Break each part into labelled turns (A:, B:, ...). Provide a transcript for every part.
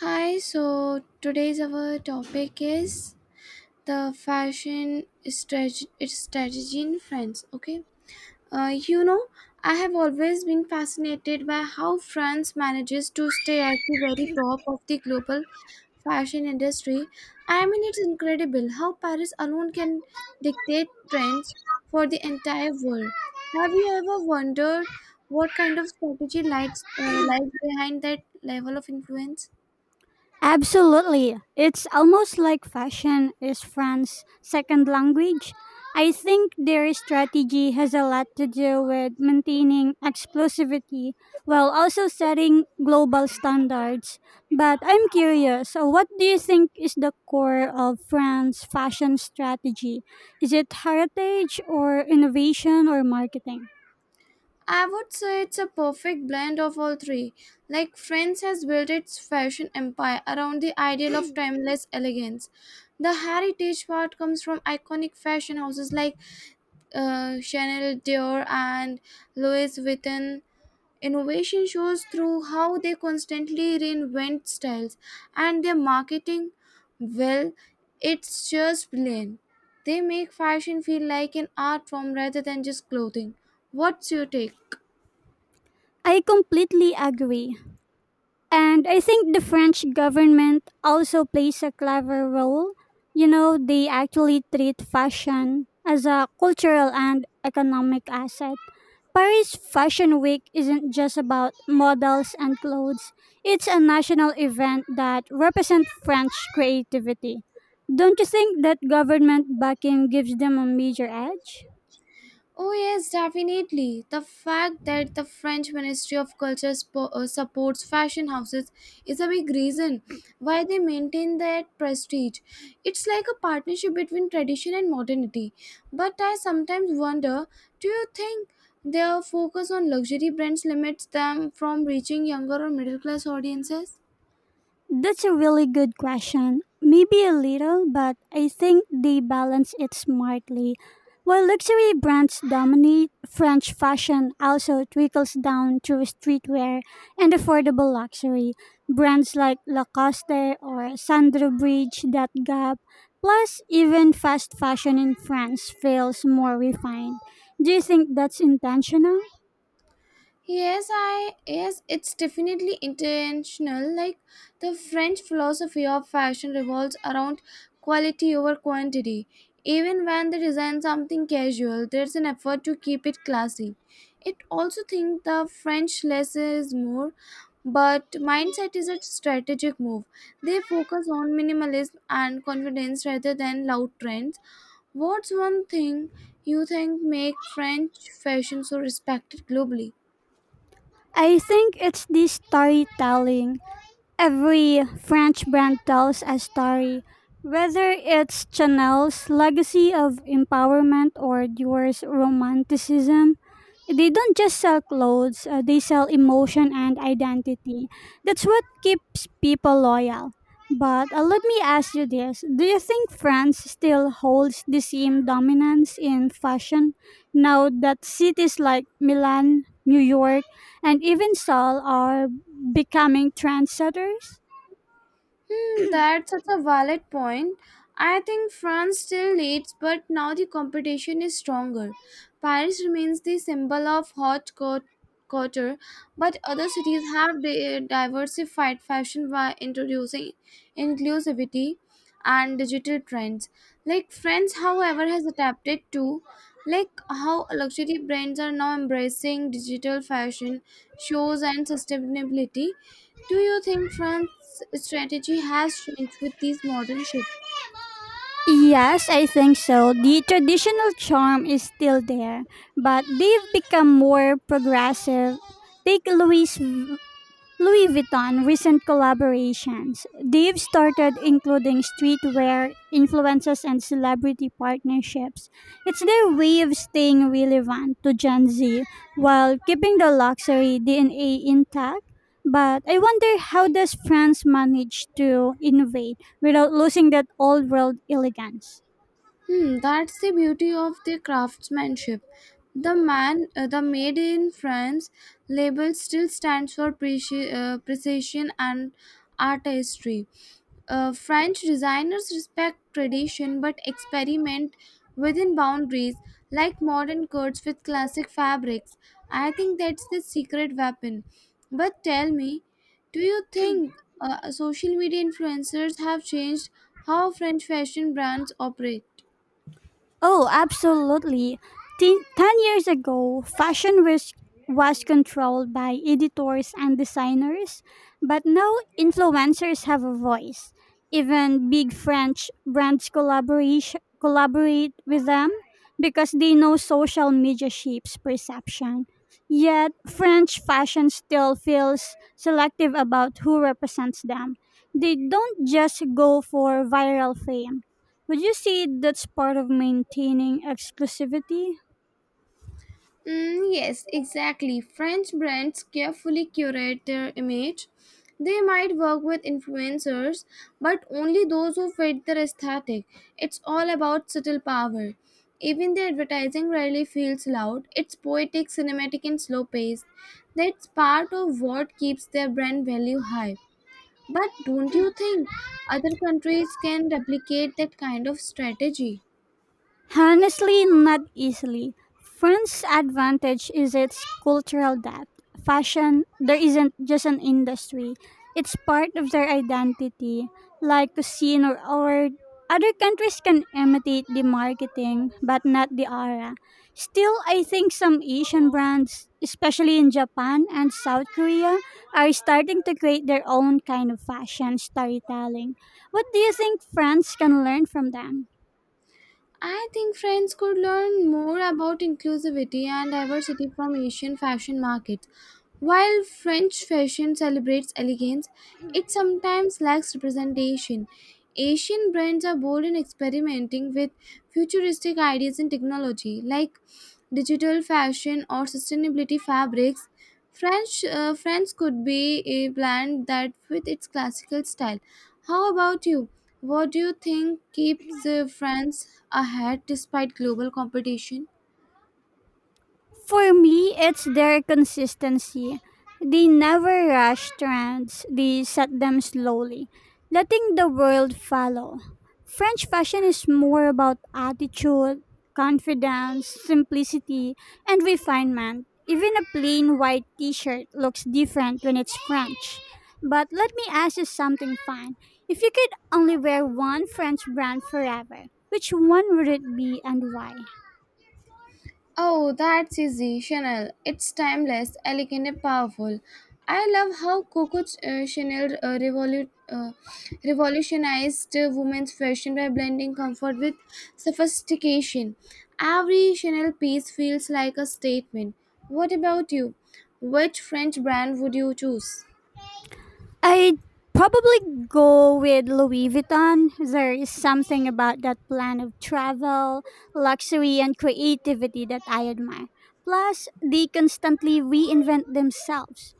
A: Hi, so today's our topic is the fashion strategy in France. Okay, uh, you know, I have always been fascinated by how France manages to stay at the very top of the global fashion industry. I mean, it's incredible how Paris alone can dictate trends for the entire world. Have you ever wondered what kind of strategy lies behind that level of influence?
B: Absolutely. It's almost like fashion is France's second language. I think their strategy has a lot to do with maintaining exclusivity while also setting global standards. But I'm curious, so what do you think is the core of France's fashion strategy? Is it heritage or innovation or marketing?
A: I would say it's a perfect blend of all three. Like France has built its fashion empire around the ideal of timeless elegance. The heritage part comes from iconic fashion houses like Chanel, Dior, and Louis Vuitton. Innovation shows through how they constantly reinvent styles and their marketing. Well, it's just brilliant. They make fashion feel like an art form rather than just clothing. What's your take?
B: I completely agree. And I think the French government also plays a clever role. You know, they actually treat fashion as a cultural and economic asset. Paris Fashion Week isn't just about models and clothes. It's a national event that represents French creativity. Don't you think that government backing gives them a major edge?
A: Oh, yes, definitely. The fact that the French Ministry of Culture supports fashion houses is a big reason why they maintain their prestige. It's like a partnership between tradition and modernity. But I sometimes wonder, do you think their focus on luxury brands limits them from reaching younger or middle class audiences?
B: That's a really good question. Maybe a little, but I think they balance it smartly. While luxury brands dominate, French fashion also trickles down through streetwear and affordable luxury. Brands like Lacoste or Sandro bridge that gap. Plus, even fast fashion in France feels more refined. Do you think that's intentional?
A: Yes, it's definitely intentional. Like the French philosophy of fashion revolves around quality over quantity. Even when they design something casual, there's an effort to keep it classy. It also think the French less is more, but mindset is a strategic move. They focus on minimalism and confidence rather than loud trends. What's one thing you think make French fashion so respected globally?
B: I think it's the storytelling. Every French brand tells a story, whether it's Chanel's legacy of empowerment or Dior's romanticism. They don't just sell clothes, they sell emotion and identity. That's what keeps people loyal. But let me ask you this. Do you think France still holds the same dominance in fashion now that cities like Milan, New York, and even Seoul are becoming trendsetters?
A: Hmm, that's such a valid point. I think France still leads, but now the competition is stronger. Paris remains the symbol of hot court, couture, but other cities have diversified fashion by introducing inclusivity and digital trends. Like France, however, has adapted to like how luxury brands are now embracing digital fashion shows and sustainability. Do you think France's strategy has changed with these modern shifts?
B: Yes, I think so. The traditional charm is still there, but they've become more progressive. Take Louis Vuitton recent collaborations. They've started including streetwear, influences, and celebrity partnerships. It's their way of staying relevant to Gen Z while keeping the luxury DNA intact. But I wonder, how does France manage to innovate without losing that old world elegance?
A: Hmm, that's the beauty of their craftsmanship. The made in France label still stands for precision and artistry. French designers respect tradition but experiment within boundaries, like modern coats with classic fabrics. I think that's the secret weapon. But tell me, do you think social media influencers have changed how French fashion brands operate?
B: Oh, absolutely. Ten, 10 years ago, was controlled by editors and designers, but now influencers have a voice. Even big French brands collaborate with them because they know social media shapes perception. Yet, French fashion still feels selective about who represents them. They don't just go for viral fame. Would you say that's part of maintaining exclusivity?
A: Mm, yes, exactly. French brands carefully curate their image. They might work with influencers, but only those who fit their aesthetic. It's all about subtle power. Even the advertising rarely feels loud, it's poetic, cinematic, and slow paced. That's part of what keeps their brand value high. But don't you think other countries can replicate that kind of strategy?
B: Honestly, not easily. France's advantage is its cultural depth. Fashion, there isn't just an industry, it's part of their identity, like cuisine or art. Other countries can imitate the marketing, but not the aura. Still, I think some Asian brands, especially in Japan and South Korea, are starting to create their own kind of fashion storytelling. What do you think France can learn from them?
A: I think friends could learn more about inclusivity and diversity from Asian fashion markets. While French fashion celebrates elegance, it sometimes lacks representation. Asian brands are bold in experimenting with futuristic ideas in technology, like digital fashion or sustainability fabrics. French France could be a blend that with its classical style. How about you? What do you think keeps France ahead despite global competition?
B: For me, it's their consistency. They never rush trends, they set them slowly, letting the world follow. French fashion is more about attitude, confidence, simplicity, and refinement. Even a plain white t shirt looks different when it's French. But let me ask you something fun. If you could only wear one French brand forever, which one would it be and why?
A: Oh, that's easy. Chanel. It's timeless, elegant, and powerful. I love how Coco Chanel revolutionized women's fashion by blending comfort with sophistication. Every Chanel piece feels like a statement. What about you? Which French brand would you choose?
B: I'd probably go with Louis Vuitton. There is something about that plan of travel, luxury, and creativity that I admire. Plus, they constantly reinvent themselves.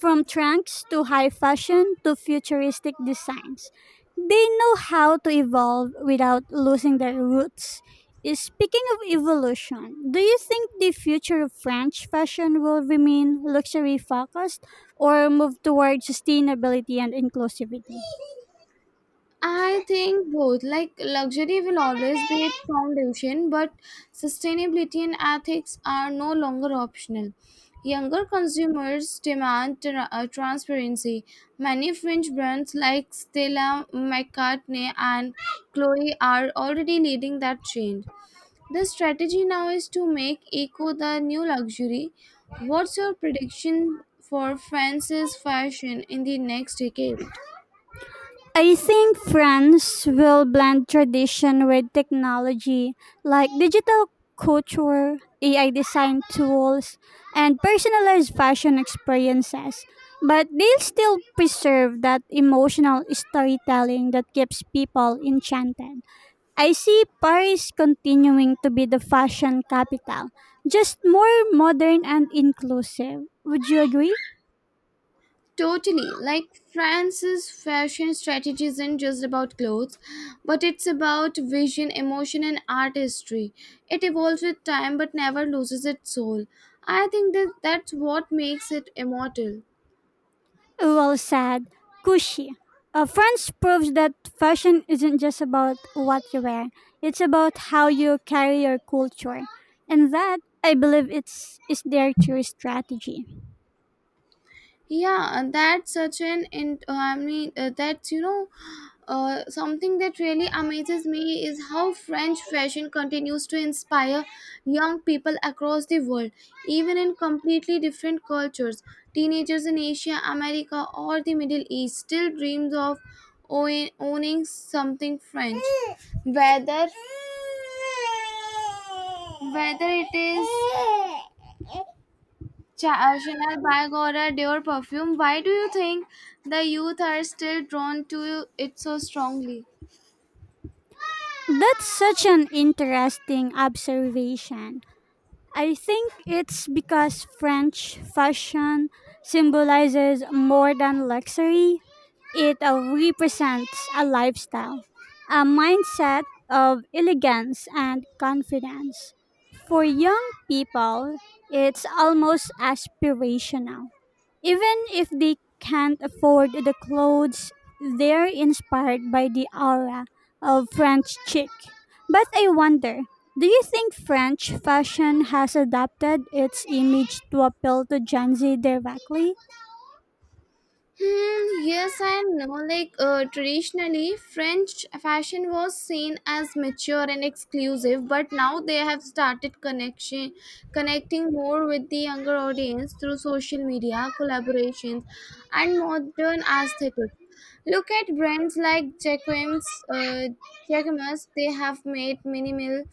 B: From trunks to high fashion to futuristic designs, they know how to evolve without losing their roots. Speaking of evolution, do you think the future of French fashion will remain luxury focused or move towards sustainability and inclusivity?
A: I think both. Like luxury will always be its foundation, but sustainability and ethics are no longer optional. Younger consumers demand transparency. Many fringe brands like Stella McCartney and Chloe are already leading that change. The strategy now is to make eco the new luxury. What's your prediction for France's fashion in the next decade?
B: I think France will blend tradition with technology, like digital couture, AI design tools, and personalized fashion experiences. But they'll still preserve that emotional storytelling that keeps people enchanted. I see Paris continuing to be the fashion capital, just more modern and inclusive. Would you agree?
A: Totally. Like France's fashion strategy isn't just about clothes, but it's about vision, emotion, and artistry. It evolves with time but never loses its soul. I think that's what makes it immortal.
B: Well said, Kushi. France proves that fashion isn't just about what you wear, it's about how you carry your culture. And that, I believe, is their true strategy.
A: Yeah, and that's such an, in, I mean, that's, you know, something that really amazes me is how French fashion continues to inspire young people across the world, even in completely different cultures. Teenagers in Asia, America, or the Middle East still dreams of owning something French, whether whether it is Chanel bag or a Dior perfume. Why do you think the youth are still drawn to it so strongly?
B: That's such an interesting observation. I think it's because French fashion symbolizes more than luxury. It represents a lifestyle, a mindset of elegance and confidence. For young people, it's almost aspirational. Even if they can't afford the clothes, they're inspired by the aura of French chic. But I wonder, do you think French fashion has adapted its image to appeal to Gen Z directly?
A: Hmm, yes and no. Like traditionally, French fashion was seen as mature and exclusive, but now they have started connecting more with the younger audience through social media collaborations and modern aesthetics. Look at brands like Jacquemus. They have made minimal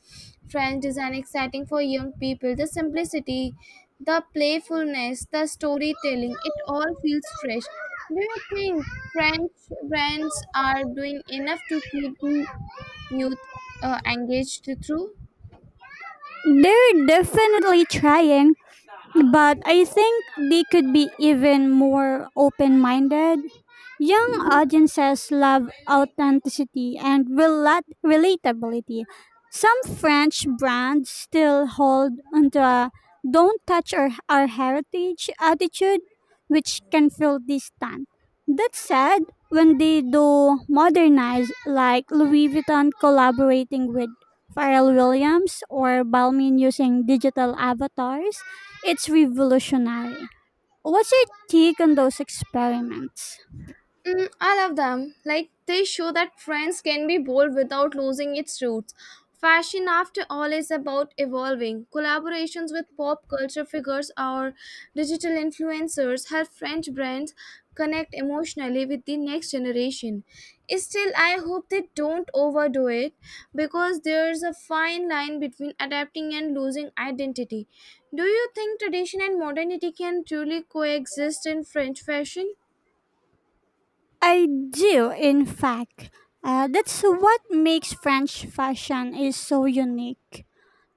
A: French design exciting for young people. The simplicity, the playfulness, the storytelling, it all feels fresh. Do you think French brands are doing enough to keep the youth engaged through?
B: They're definitely trying, but I think they could be even more open minded. Young audiences love authenticity and relatability. Some French brands still hold onto a don't touch our heritage attitude, which can feel distant. That said, when they do modernize, like Louis Vuitton collaborating with Pharrell Williams or Balmain using digital avatars, it's revolutionary. What's your take on those experiments?
A: Mm, I love them. Like, they show that trends can be bold without losing its roots. Fashion, after all, is about evolving. Collaborations with pop culture figures or digital influencers help French brands connect emotionally with the next generation. Still, I hope they don't overdo it because there's a fine line between adapting and losing identity. Do you think tradition and modernity can truly coexist in French fashion?
B: I do, in fact. That's what makes French fashion is so unique.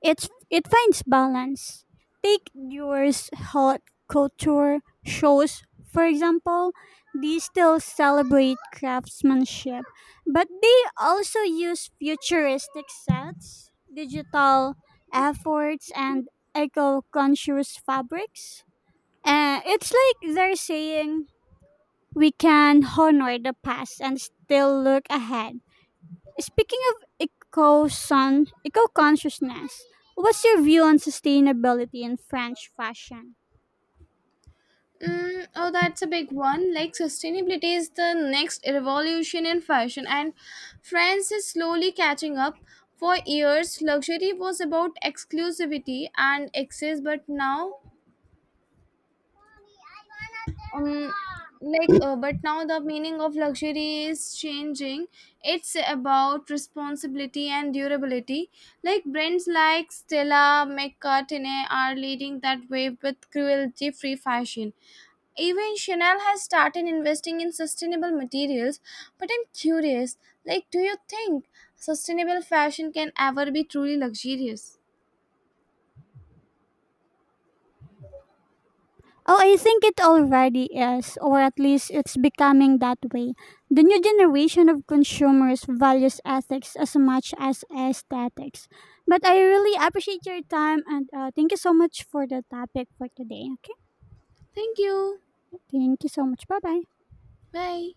B: It finds balance. Take yours haute couture shows, for example. They still celebrate craftsmanship, but they also use futuristic sets, digital efforts, and eco-conscious fabrics. It's like they're saying we can honor the past and still look ahead. Speaking of eco consciousness, what's your view on sustainability in French fashion?
A: Mm, oh, that's a big one. Like, sustainability is the next revolution in fashion, and France is slowly catching up. For years, luxury was about exclusivity and excess, but now um like but now the meaning of luxury is changing. It's about responsibility and durability. Like brands like Stella McCartney are leading that way with cruelty free fashion. Even Chanel has started investing in sustainable materials. But I'm curious, like, do you think sustainable fashion can ever be truly luxurious?
B: Oh, I think it already is, or at least it's becoming that way. The new generation of consumers values ethics as much as aesthetics. But I really appreciate your time and thank you so much for the topic for today. Okay,
A: Thank you.
B: thank you so much. Bye bye.
A: Bye.